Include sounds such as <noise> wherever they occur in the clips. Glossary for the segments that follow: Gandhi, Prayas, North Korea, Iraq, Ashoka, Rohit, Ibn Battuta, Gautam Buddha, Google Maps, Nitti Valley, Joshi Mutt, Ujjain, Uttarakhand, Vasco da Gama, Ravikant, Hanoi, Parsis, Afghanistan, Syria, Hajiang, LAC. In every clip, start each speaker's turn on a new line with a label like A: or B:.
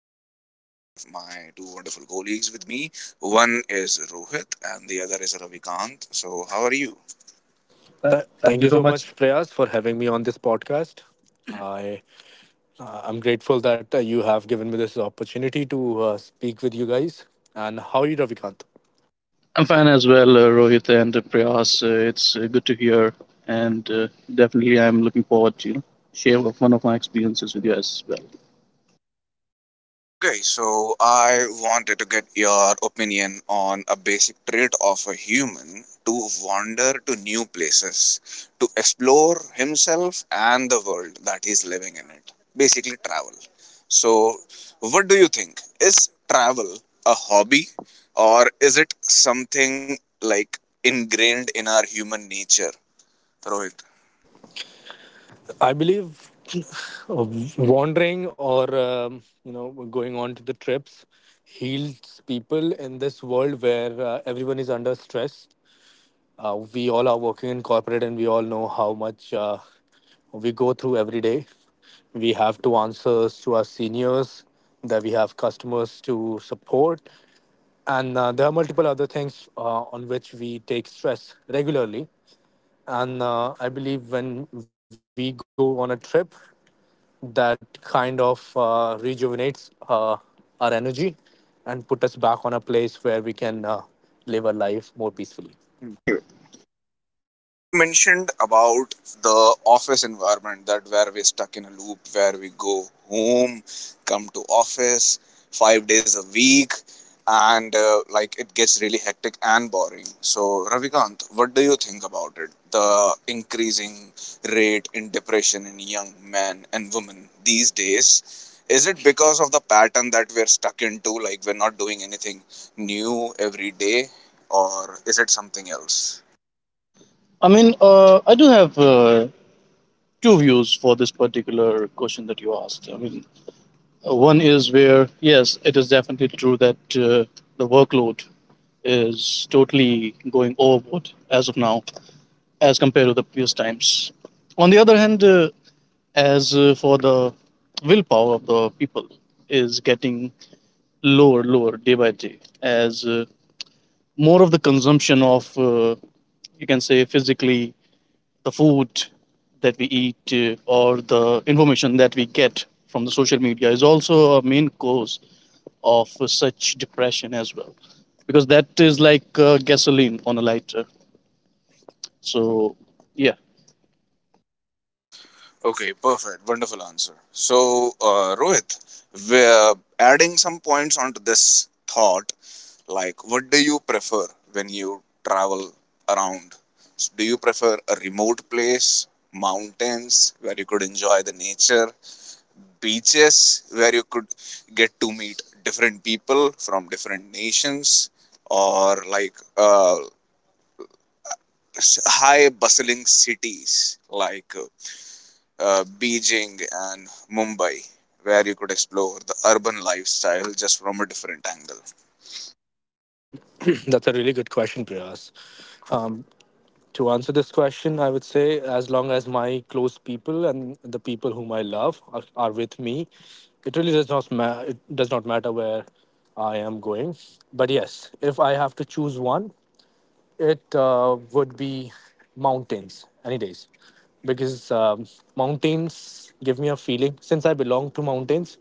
A: I have my two wonderful colleagues with me. One is Rohit, and the other is Ravikant. So, how are you?
B: Thank you so much, Prayas, for having me on this podcast. I I'm grateful that you have given me this opportunity to speak with you guys. And how are you, Ravikant?
C: I'm fine as well, Rohit and Prayas. It's Good to hear, and definitely I'm looking forward to share of one of my experiences with you as well.
A: Okay, so I wanted to get your opinion on a basic trait of a human to wander to new places, to explore himself and the world that he's living in it. Basically, travel. So, what do you think? Is travel a hobby or is it something like ingrained in our human nature, Rohit?
B: I believe <laughs> wandering or going on to the trips heals people in this world where everyone is under stress. We all are working in corporate and we all know how much we go through every day. We have to answers to our seniors, that we have customers to support, and there are multiple other things on which we take stress regularly. And I believe when we go on a trip, that kind of rejuvenates our energy and put us back on a place where we can live our life more peacefully.
A: You mentioned about the office environment, that where we're stuck in a loop where we go home, come to office 5 days a week, and like it gets really hectic and boring. So, Ravikant, what do you think about it? The increasing rate in depression in young men and women these days, is it because of the pattern that we're stuck into, like we're not doing anything new every day, or is it something else?
C: I do have two views for this particular question that you asked. One is where yes, it is definitely true that the workload is totally going overboard as of now, as compared to the previous times. On the other hand, as for the willpower of the people is getting lower day by day as more of the consumption of you can say physically the food that we eat or the information that we get from the social media is also a main cause of such depression as well, because that is like gasoline on a lighter. So yeah.
A: Okay, perfect. Wonderful answer. So, Rohit, we're adding some points onto this thought. Like, what do you prefer when you travel around? Do you prefer a remote place, mountains where you could enjoy the nature, beaches where you could get to meet different people from different nations, or like high bustling cities like Beijing and Mumbai, where you could explore the urban lifestyle just from a different angle?
B: <clears throat> That's a really good question, Priyas. To answer this question, I would say as long as my close people and the people whom I love are with me, it really does not it does not matter where I am going. But yes, if I have to choose one, it would be mountains any days, because mountains give me a feeling. Since I belong to mountains,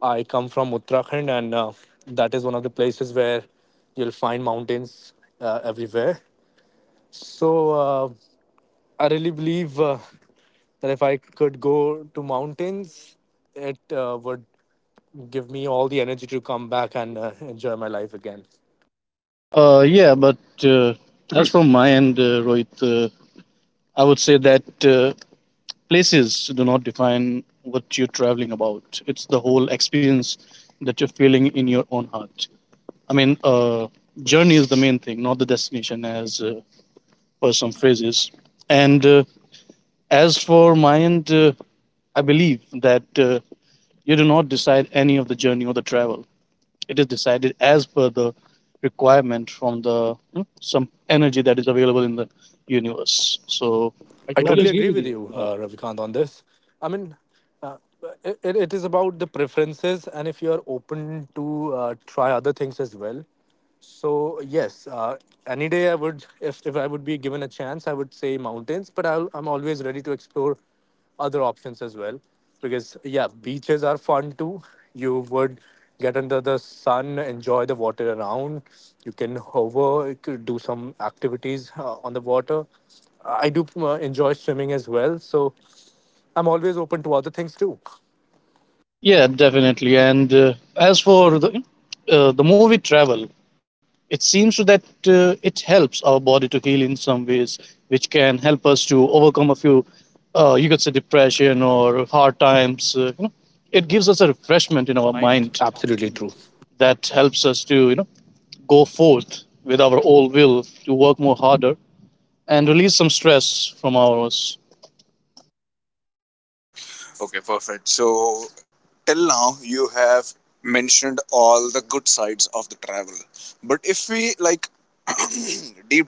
B: I come from Uttarakhand, and that is one of the places where you'll find mountains everywhere. So I really believe that if I could go to mountains, it would give me all the energy to come back and enjoy my life again.
C: yeah but uh, that's from my end, Rohit. I would say that places do not define what you're traveling about. It's the whole experience that you're feeling in your own heart. I mean, uh, Journey is the main thing, not the destination, as per some phrases. And As for my end, I believe that you do not decide any of the journey or the travel. It is decided as per the requirement from the some energy that is available in the universe. So
B: So
C: I that
B: I totally
C: totally
B: agree with you, Ravikant, on this. I mean, uh, it is about the preferences, and if you are open to try other things as well. So yes, any day I would, if I would be given a chance, I would say mountains. But I'm always ready to explore other options as well, because yeah, beaches are fun too. You would get under the sun, enjoy the water around. You can hover, you could do some activities on the water. I do enjoy swimming as well, so I'm always open to other things too.
C: yeah, definitely. And As for the movie travel, it seems to that it helps our body to heal in some ways, which can help us to overcome a few, you could say, depression or hard times. You know, it gives us a refreshment in our mind
B: Absolutely true.
C: that helps us to go forth with our old will to work more harder and release some stress from ours.
A: Okay, perfect. So, till now, you have mentioned all the good sides of the travel. But if we like <clears throat> deep,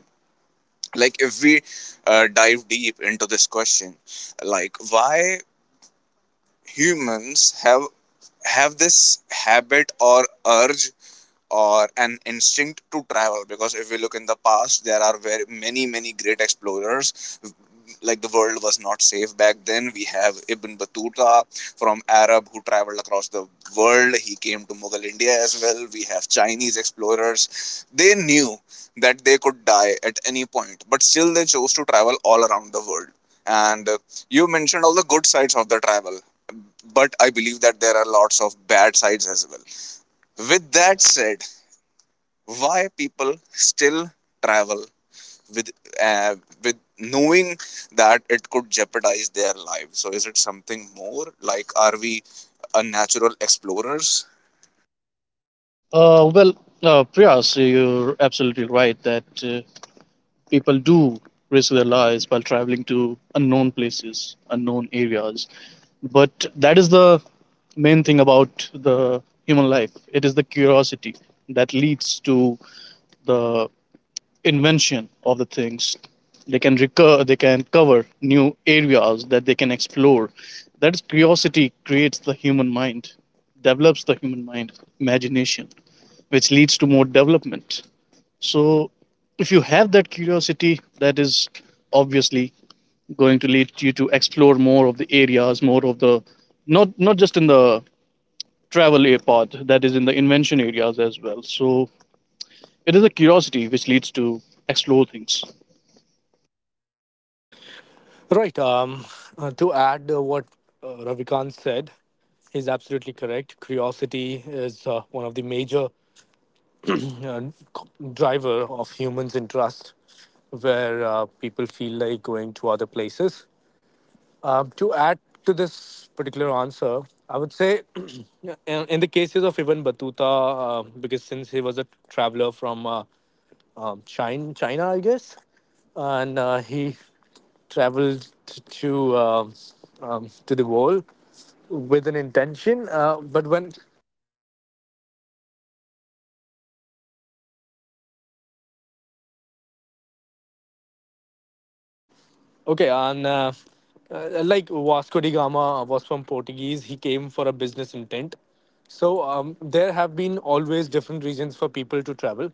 A: like if we dive deep into this question, like why humans have this habit or urge or an instinct to travel? Because if we look in the past, there are very many great explorers. Like the world was not safe back then. We have Ibn Battuta from Arab, who traveled across the world. He came to Mughal India as well. We have Chinese explorers. They knew that they could die at any point, but still they chose to travel all around the world. And you mentioned all the good sides of the travel, but I believe that there are lots of bad sides as well. With
C: With that,
A: that
C: s-
A: said, why people still travel with uh, with knowing that it could jeopardize their lives? So is it something more, like are we a natural explorers?
C: Uh, well, Priyas, you're absolutely right that. Uh, People do risk their lives while traveling to unknown places, unknown areas. But that is the main thing about the human life. It is the curiosity that leads to the invention of the things they can recur, they can cover new areas that they can explore. That is, curiosity creates the human mind, develops the human mind, imagination, which leads to more development. So if you have that curiosity, that is obviously going to lead you to explore more of the areas, more of the, not just in the travel a part, that is in the invention areas as well. So it is a curiosity which leads to explore things.
B: Right. To add what Ravikant said, is absolutely correct. Curiosity is one of the major uh, driver of humans' interest, where people feel like going to other places. To add to this particular answer, I would say, <clears throat> in the cases of Ibn Battuta, because since he was a traveler from China, I guess, and he traveled to um, to the world with an intention, but when okay, and like Vasco da Gama was from Portuguese, he came for a business intent. So there have been always different reasons for people to travel.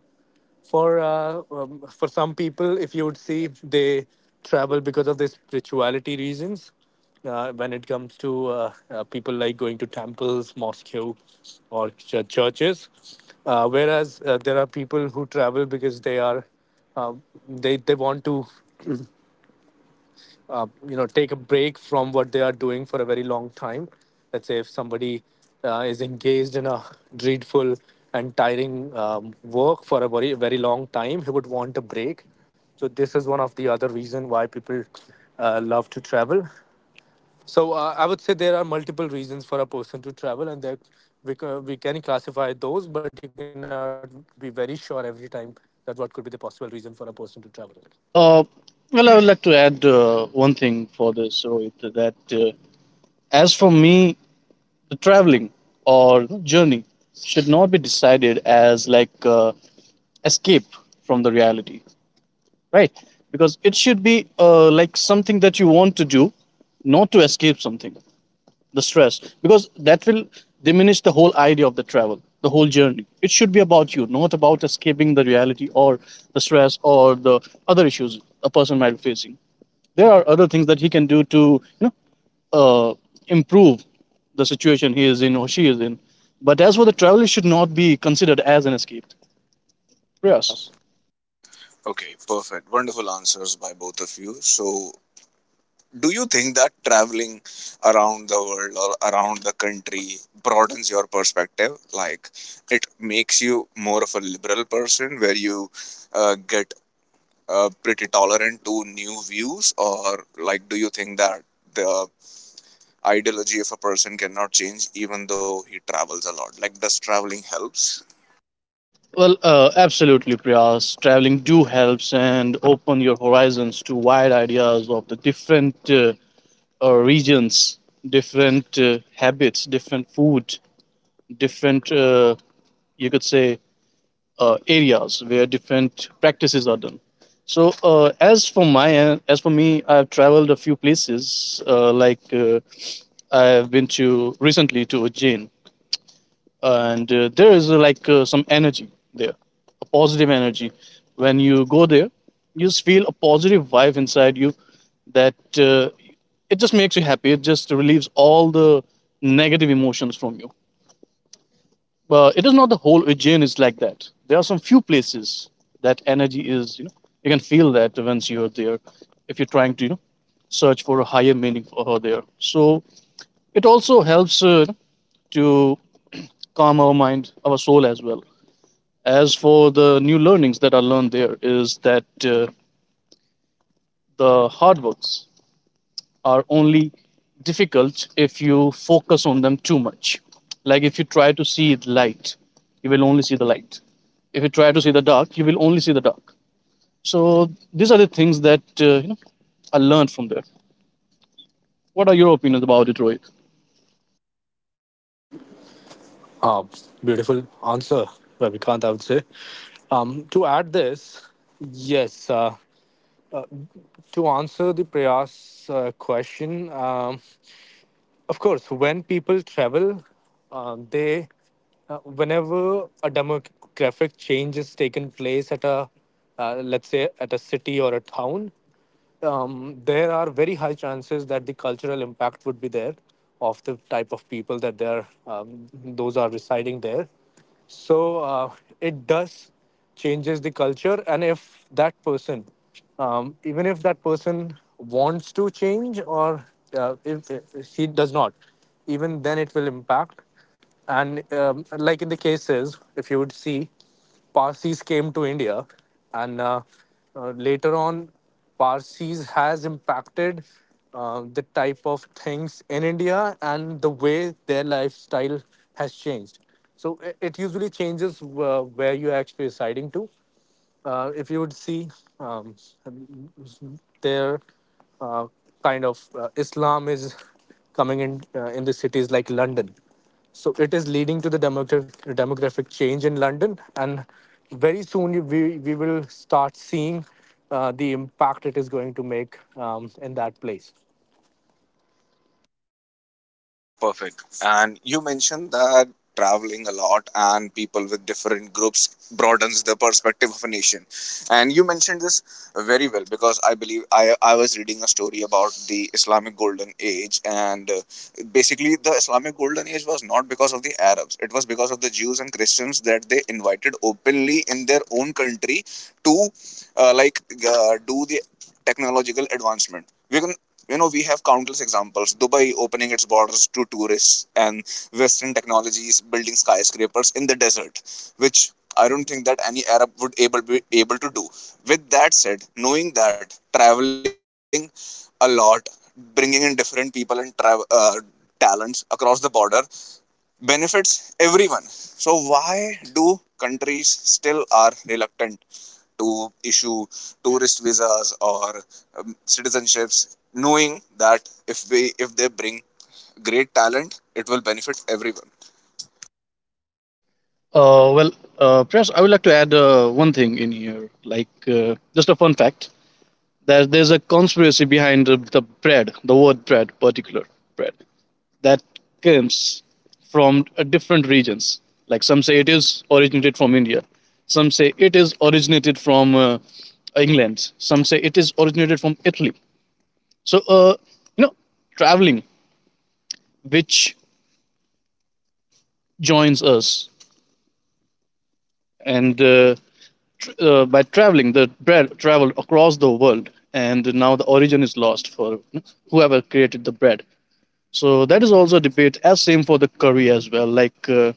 B: For some people, if you would see, they travel because of their spirituality reasons. When it comes to people like going to temples, mosque, or churches, whereas there are people who travel because they are um, they want to take a break from what they are doing for a very long time. Let's say if somebody is engaged in a dreadful and tiring work for a very very long time, he would want a break. So this is one of the other reason why people love to travel. So I would say there are multiple reasons for a person to travel, and that we can classify those, but you cannot be very sure every time that what could be the possible reason for a person to travel.
C: Uh, I would like to add one thing for this, Rohit, that as for me, the traveling or journey should not be decided as like escape from the reality, right? Because it should be like something that you want to do, not to escape something, the stress, because that will diminish the whole idea of the travel, the whole journey. It should be about you, not about escaping the reality or the stress or the other issues a person might be facing. There are other things that he can do to you know uh, improve the situation he is in or she is in. But as for the travel, it should not be considered as an escape, Prayas.
A: Okay, perfect. Wonderful answers by both of you. So do you think that traveling around the world or around the country broadens your perspective? Like, it makes you more of a liberal person where you get pretty tolerant to new views? Or like, do you think that the ideology of a person cannot change even though he travels a lot? Like, does traveling helps?
C: Absolutely, Prayas, traveling do helps and open your horizons to wide ideas of the different regions, different habits, different food, different, you could say, areas where different practices are done. So as for my end, as for me, I've traveled a few places. I've been to recently to Ujjain, and there is some energy there, a positive energy. When you go there, you just feel a positive vibe inside you, that it just makes you happy. It just relieves all the negative emotions from you. But it is not the whole Aegean is like that. There are some few places that energy is, you know, you can feel that once you're there, if you're trying to, you know, search for a higher meaning for her there. So it also helps to <clears throat> calm our mind, our soul as well. As for the new learnings that are learned there, is that the hard works are only difficult if you focus on them too much. Like if you try to see the light, you will only see the light. If you try to see the dark, you will only see the dark. So these are the things that you know, I learned from there. What are your opinions about it, Rohit?
B: Uh, Beautiful answer, Ravikant, I would say. To add this, yes, to answer the Prayas question, of course, when people travel, uh, they, whenever a demographic change is taken place at a, let's say, at a city or a town, there are very high chances that the cultural impact would be there of the type of people that they are, those are residing there. So it does changes the culture, and if that person, even if that person wants to change or if he does not, even then it will impact. And like in the cases, if you would see. Parsis came to India, and later on, Parsis has impacted the type of things in India and the way their lifestyle has changed. So it usually changes where you are actually residing to. If you would see um, there, uh, kind of Islam is coming in the cities like London. So it is leading to the demographic change in London, and very soon we will start seeing the impact it is going to make in that place.
A: Perfect. And you mentioned that traveling a lot and people with different groups broadens the perspective of a nation. And you mentioned this very well, because I believe I was reading a story about the Islamic Golden Age. And basically, the Islamic Golden Age was not because of the Arabs, it was because of the Jews and Christians that they invited openly in their own country to like do the technological advancement. We can, you know, we have countless examples. Dubai opening its borders to tourists and western technologies building skyscrapers in the desert, which I don't think that any Arab would able be able to do. With that said, knowing that traveling a lot, bringing in different people and travel talents across the border benefits everyone, so why do countries still are reluctant to issue tourist visas or citizenships, knowing that if they bring great talent, it will benefit everyone?
C: Uh, well, Priyas, I would like to add one thing in here, like just a fun fact that there's a conspiracy behind the bread, the word bread, particular bread, that comes from different regions. Like some say it is originated from India, some say it is originated from England, some say it is originated from Italy. So, you know, traveling, which joins us and uh, by traveling, the bread traveled across the world, and now the origin is lost for whoever created the bread. So that is also a debate. As same for the curry as well.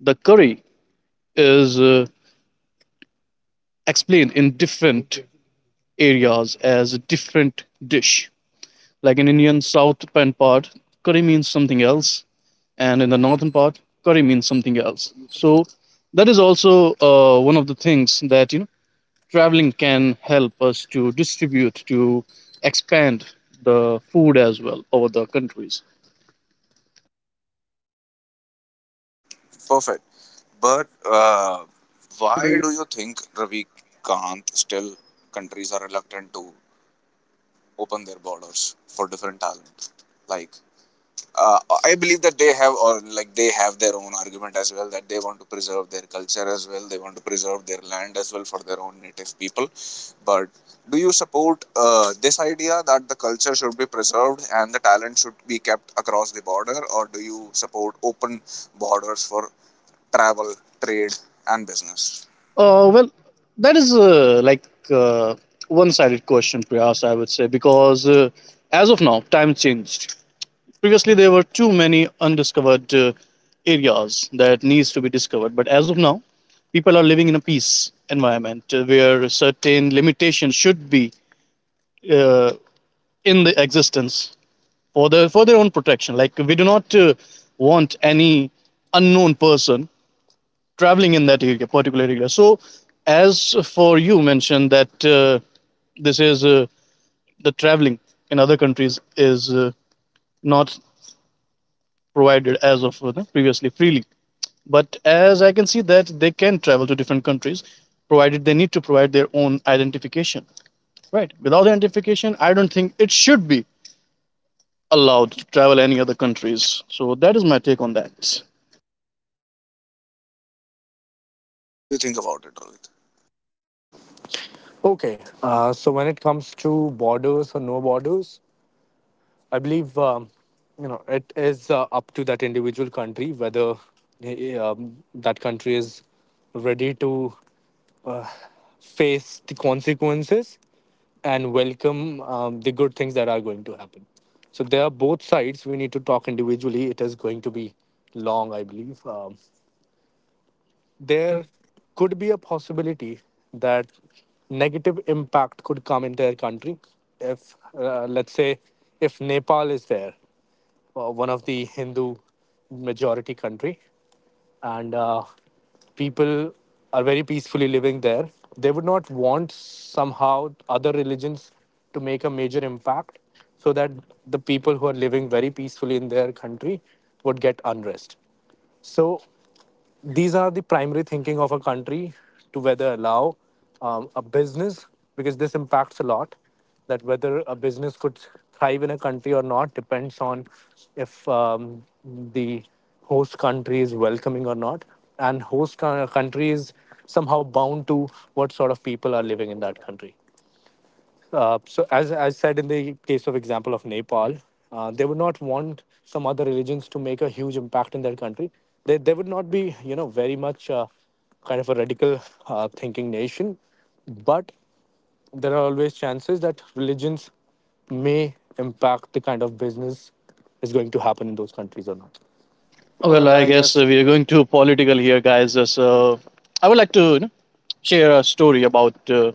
C: The curry is explained in different areas as a different dish. Like in Indian southern part, curry means something else, and in the northern part, curry means something else. So that is also one of the things that, you know, traveling can help us to distribute, to expand the food as well over the countries.
A: Perfect. But why do you think, Ravi Kant, still countries are reluctant to open their borders for different talent? Like, uh, I believe that they have, or like they have their own argument as well, that they want to preserve their culture as well. They want to preserve their land as well for their own native people. But do you support this idea that the culture should be preserved and the talent should be kept across the border, or do you support open borders for travel, trade, and business?
C: Well, that is uh, one-sided question, Priyas, I would say, because as of now, time changed. Previously there were too many undiscovered areas that needs to be discovered, but as of now people are living in a peace environment, where certain limitations should be uh, in the existence for the for their own protection. Like we do not want any unknown person traveling in that area, particular area. So, as for you mentioned that this is the traveling in other countries is not provided as of previously freely. But as I can see that they can travel to different countries, provided they need to provide their own identification. Right. Without identification, I don't think it should be allowed to travel any other countries. So that is my take on that.
A: So, what do you think about it, Rohit?
D: Okay, so when it comes to borders or no borders, I believe it is up to that individual country whether that country is ready to uh, face the consequences and welcome the good things that are going to happen. So there are both sides. We need to talk individually. It is going to be long, I believe. There could be a possibility that negative impact could come in their country if let's say if Nepal is there, one of the Hindu majority country, and people are very peacefully living there. They would not want somehow other religions to make a major impact, so that the people who are living very peacefully in their country would get unrest. So these are the primary thinking of a country, to whether allow a business, because this impacts a lot, that whether a business could thrive in a country or not depends on if the host country is welcoming or not. And country is somehow bound to what sort of people are living in that country. So, as said in the case of example of Nepal, they would not want some other religions to make a huge impact in their country. They would not be very much kind of a radical thinking nation, but there are always chances that religions may impact the kind of business is going to happen in those countries or not.
C: Well, I guess we are going to political here, guys. So I would like to, you know, share a story about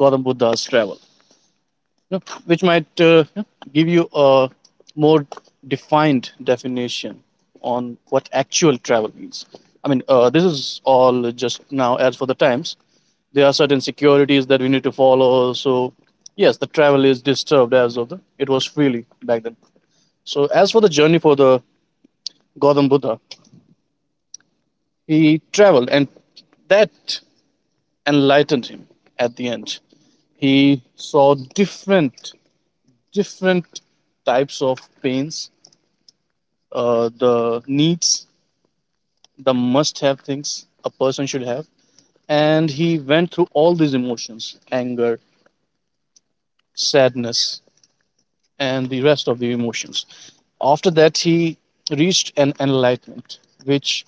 C: Gautam Buddha's travel, you know, which might, give you a more defined definition on what actual travel means. This is all just now as for the times. There are certain securities that we need to follow. So, yes, the travel is disturbed as of the, it was freely back then. So, as for the journey for the Gautam Buddha, he traveled, and that enlightened him. At the end, he saw different types of pains, the needs, the must have things a person should have, and he went through all these emotions: anger, sadness, and the rest of the emotions. After that, he reached an enlightenment, which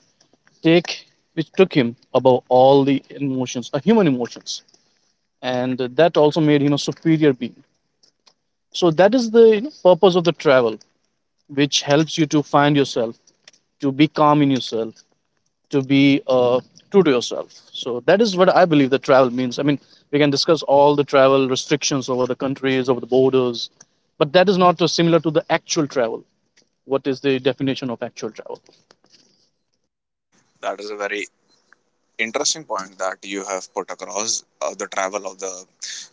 C: take which took him above all the emotions, human emotions, and that also made him a superior being. So that is the, you know, purpose of the travel, which helps you to find yourself, to be calm in yourself, to be true to yourself. So that is what I believe that travel means. I mean, we can discuss all the travel restrictions over the countries, over the borders, but that is not similar to the actual travel. What is the definition of actual travel?
A: That is a very interesting point that you have put across, the travel of the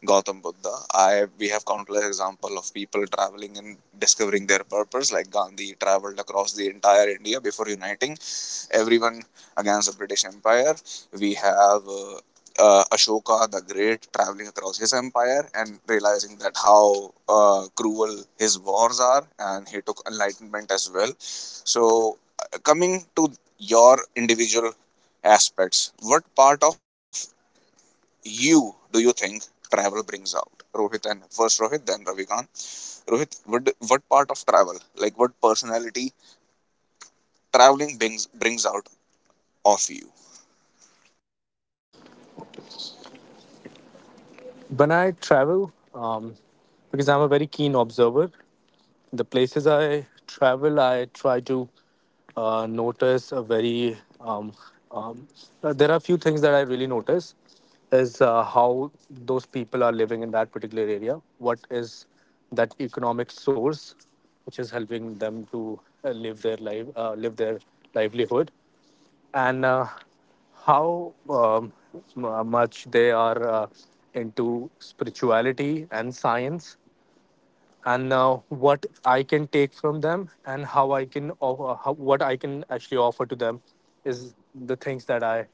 A: Gautam Buddha. I, we have countless example of people traveling and discovering their purpose. Like Gandhi traveled across the entire India before uniting everyone against the British Empire. We have Ashoka the Great traveling across his empire and realizing that how cruel his wars are, and he took enlightenment as well. So, coming to your individual aspects, what part of you do you think travel brings out? Rohit, and first Rohit, then Ravikant. Rohit, what part of travel, like what personality traveling brings out of you?
D: When I travel, because I'm a very keen observer, the places I travel, I try to notice a very. Um, there are a few things that I really notice is how those people are living in that particular area. What is that economic source which is helping them to live their life, live their livelihood, and how much they are into spirituality and science, and what I can take from them and how I can what I can actually offer to them is the things that I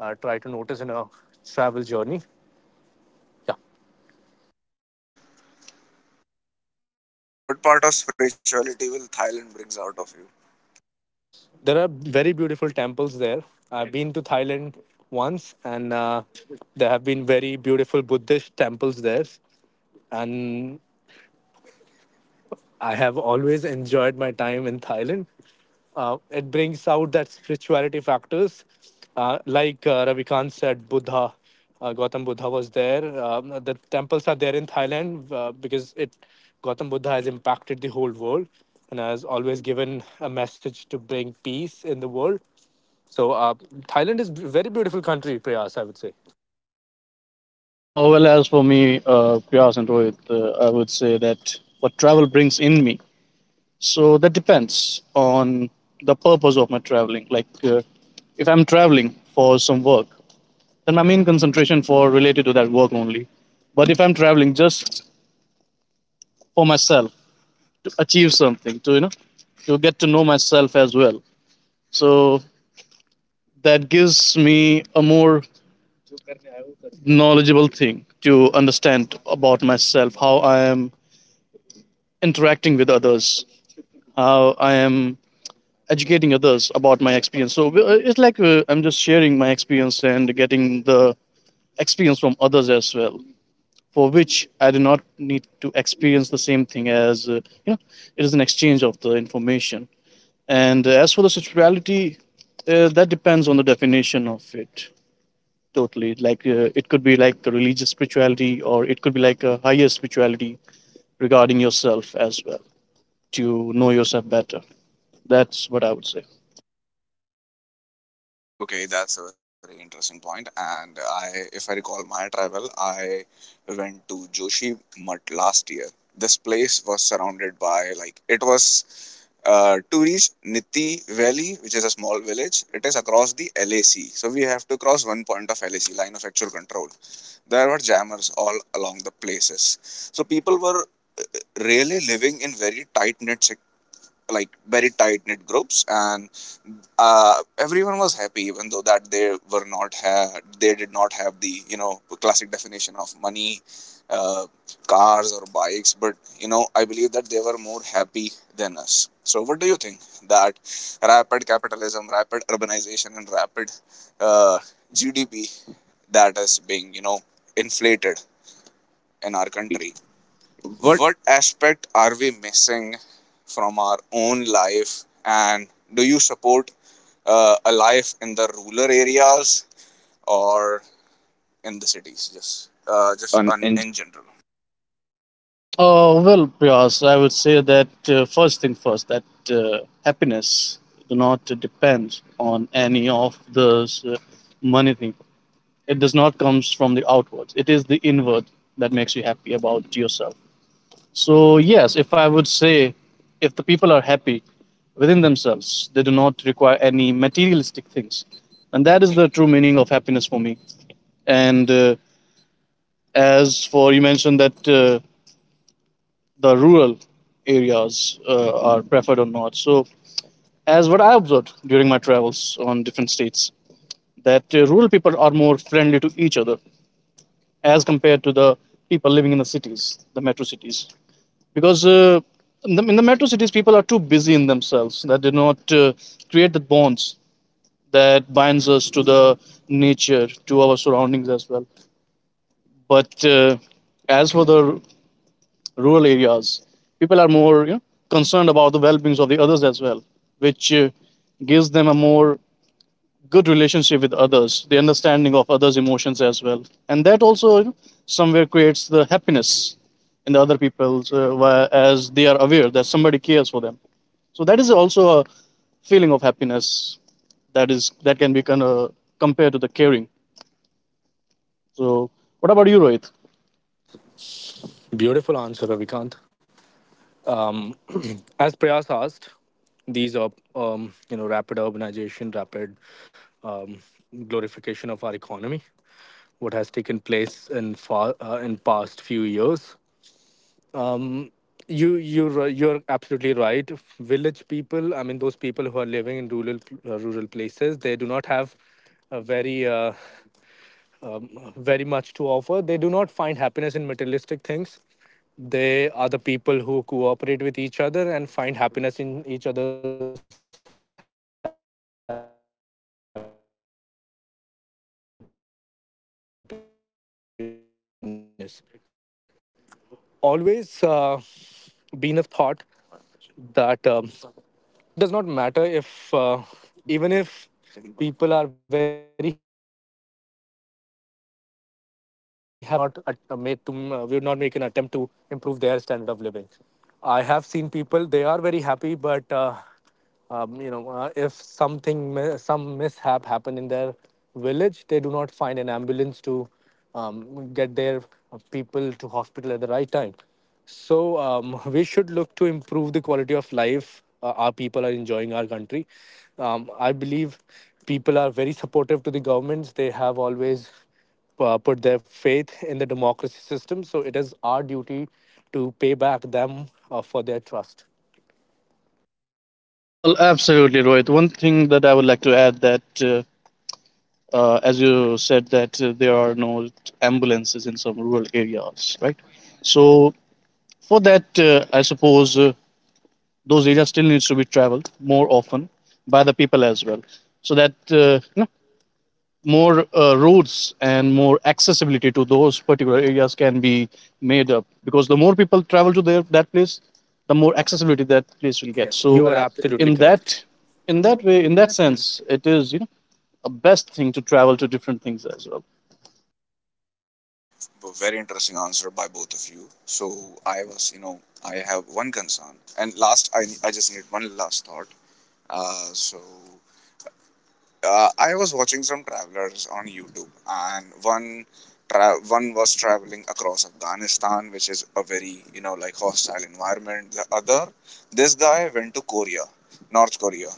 D: try to notice in a travel journey. Yeah,
A: What part of spirituality will Thailand brings out of you?
D: there are very beautiful temples there. I've been to Thailand once, and there have been very beautiful Buddhist temples there, and I have always enjoyed my time in Thailand. It brings out that spirituality factors. Like Ravikant said, Buddha, Gautam Buddha, was there. The temples are there in Thailand, because it Gautam Buddha has impacted the whole world and has always given a message to bring peace in the world. So Thailand is a very beautiful country, Prayas, I would say.
C: Oh well, as for me, Priyas and Rohit, I would say that what travel brings in me, so that depends on the purpose of my traveling. If I'm traveling for some work, then my main concentration for related to that work only. But if I'm traveling just for myself to achieve something, to, you know, to get to know myself as well. So that gives me a more knowledgeable thing to understand about myself, how I am interacting with others, how I am educating others about my experience. So it's like I'm just sharing my experience and getting the experience from others as well, for which I do not need to experience the same thing as, you know, it is an exchange of the information. And As for the spirituality, that depends on the definition of it totally. It could be like a religious spirituality, or it could be like a higher spirituality regarding yourself as well, to know yourself better. That's what I would say.
A: Okay, that's a very interesting point. And I, if I recall my travel, I went to Joshi Mutt last year. This place was surrounded by, like it was to reach Nitti Valley, which is a small village. It is across the LAC, so we have to cross one point of LAC, line of actual control. There were jammers all along the places, so people were really living in very tight knit, like very tight knit groups, and uh, everyone was happy even though that they were not ha- they did not have the, you know, classic definition of money, uh, cars or bikes. But you know, I believe that they were more happy than us. So what do you think that rapid capitalism, rapid urbanization, and rapid uh, GDP that is being, you know, inflated
C: In
A: in
C: our
A: our
C: country.
A: country, what aspect are we missing from our own life? And do you support a life in the rural areas or in the cities,
C: Just
A: just
C: on
A: on,
C: in.
A: in general?
C: Oh, well, Priyas, I would say that first thing first, that uh, happiness do not depend on any of the money thing. It does not comes from the outwards. It is the inward that makes you happy about yourself. So, yes, if I would say, if the people are happy within themselves, they do not require any materialistic things. And that is the true meaning of happiness for me. And as for you mentioned that the rural areas are preferred or not. So, as what I observed during my travels on different states, that rural people are more friendly to each other as compared to the people living in the cities, the metro cities, because. In the metro cities, people are too busy in themselves that they do not create the bonds that binds us to the nature, to our surroundings as well. But as for the rural areas, people are more, you know, concerned about the well-being of the others as well, which gives them a more good relationship with others, the understanding of others' emotions as well, and that also, you know, somewhere creates the happiness in the other people where- as they are aware that somebody cares for them. So that is also a feeling of happiness that is that can be kind of compared to the caring. So what about you, Rohit?
D: Beautiful answer, Ravikant. Um, as Prayas asked, these are rapid urbanization, rapid um, glorification of our economy. What has taken place in far in past few years, um you're absolutely right. Village people, I mean those people who are living in rural places, they do not have a very very much to offer. They do not find happiness in materialistic things. They are the people who cooperate with each other and find happiness in each other's happiness. Always Been of thought that the it does not matter if the people are finding happiness in materialistic thing or not, but even if people are very happy about the way they are living, that does not mean that we would not make an attempt to improve their standard of living. I have seen people; they are very happy, but if some mishap happened in their village, they do not find an ambulance to get their people to hospital at the right time. So <laughs> we should look to improve the quality of life our people are enjoying our country. I believe people are very supportive to the governments. They have always put their faith in the democracy system. So it is our duty to pay back them for their trust.
C: Well, absolutely, Rohit. One thing that I would like to add that as you said that there are no ambulances in some rural areas, right? So for that, I suppose, those areas still needs to be traveled more often by the people as well, so that you know, more roads and more accessibility to those particular areas can be made up, because the more people travel to their, that place, the more accessibility that place will get.
D: Yes.
C: So you
D: You
C: are
D: are
C: absolutely
D: absolutely
C: in
D: correct.
C: that, in
D: In
C: that
D: that
C: way,
D: way,
C: in
D: in
C: that
D: that sense,
C: sense, it is, you know, a best thing to travel to different things as well.
A: A very interesting answer by both of you. So I was, you know, I have one concern, and last I just need one last thought. uh, so I was watching some travelers on YouTube, and one one was traveling across Afghanistan, which is a very, you know, like hostile environment. The other, this guy went to Korea, North Korea,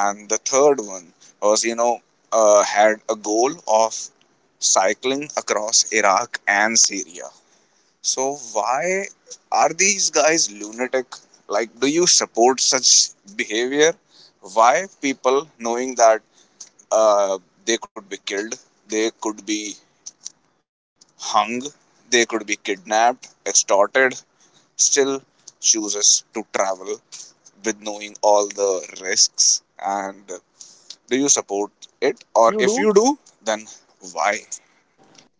A: and the third one was, you know, had a goal of cycling across Iraq and Syria. So why are these guys lunatic? Like, do you support such behavior? Why people, knowing that uh, they could be killed, they could be hung, they could be kidnapped, extorted, still chooses to travel with knowing all the risks. And do you support it? Or if you do, then why?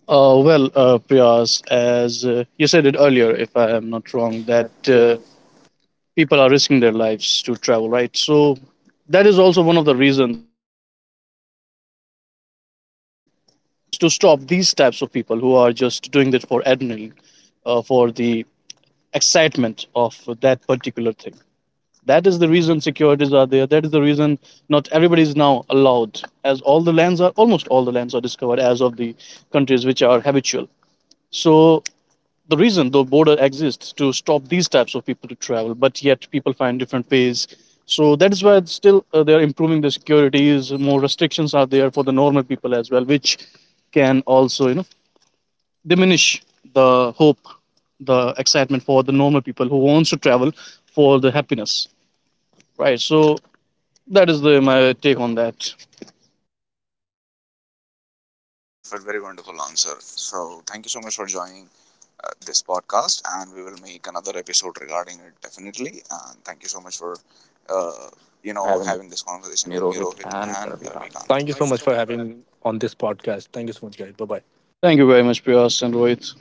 C: Well, Priyas, as you said it earlier, if I am not
D: because
C: wrong, that
D: that
C: people are risking their lives to travel, right? So that is also one of the reasons the borders exist, right? Because to stop these types of people who are just doing it for adrenaline, for the excitement of that particular thing. That is the reason securities are there. That is the reason not everybody is now allowed, as all the lands are almost all the lands are discovered as of the countries which are habitual. So the reason the border exists to stop these types of people to travel, but yet people find different ways. So that is why it's still they are improving the securities. More restrictions are there for the normal people as well, which can also, you know, diminish the hope, the excitement for the normal people who wants to travel for the happiness, right? So that is the my take on that.
A: Perfect, very wonderful answer. So, thank you so much for joining this podcast, and we will make another episode regarding it definitely. And thank you so much for, uh,
D: know,
A: you know,
D: having
A: having this
D: been with me,
A: conversation with me,
D: Rohit
A: Rohit,
D: and
A: and
D: Ravikant. Thank you so
A: Ravikant.
D: much for having me on this podcast. Thank you so much, guys. Bye bye.
C: Thank you very much, Priyas and Rohit.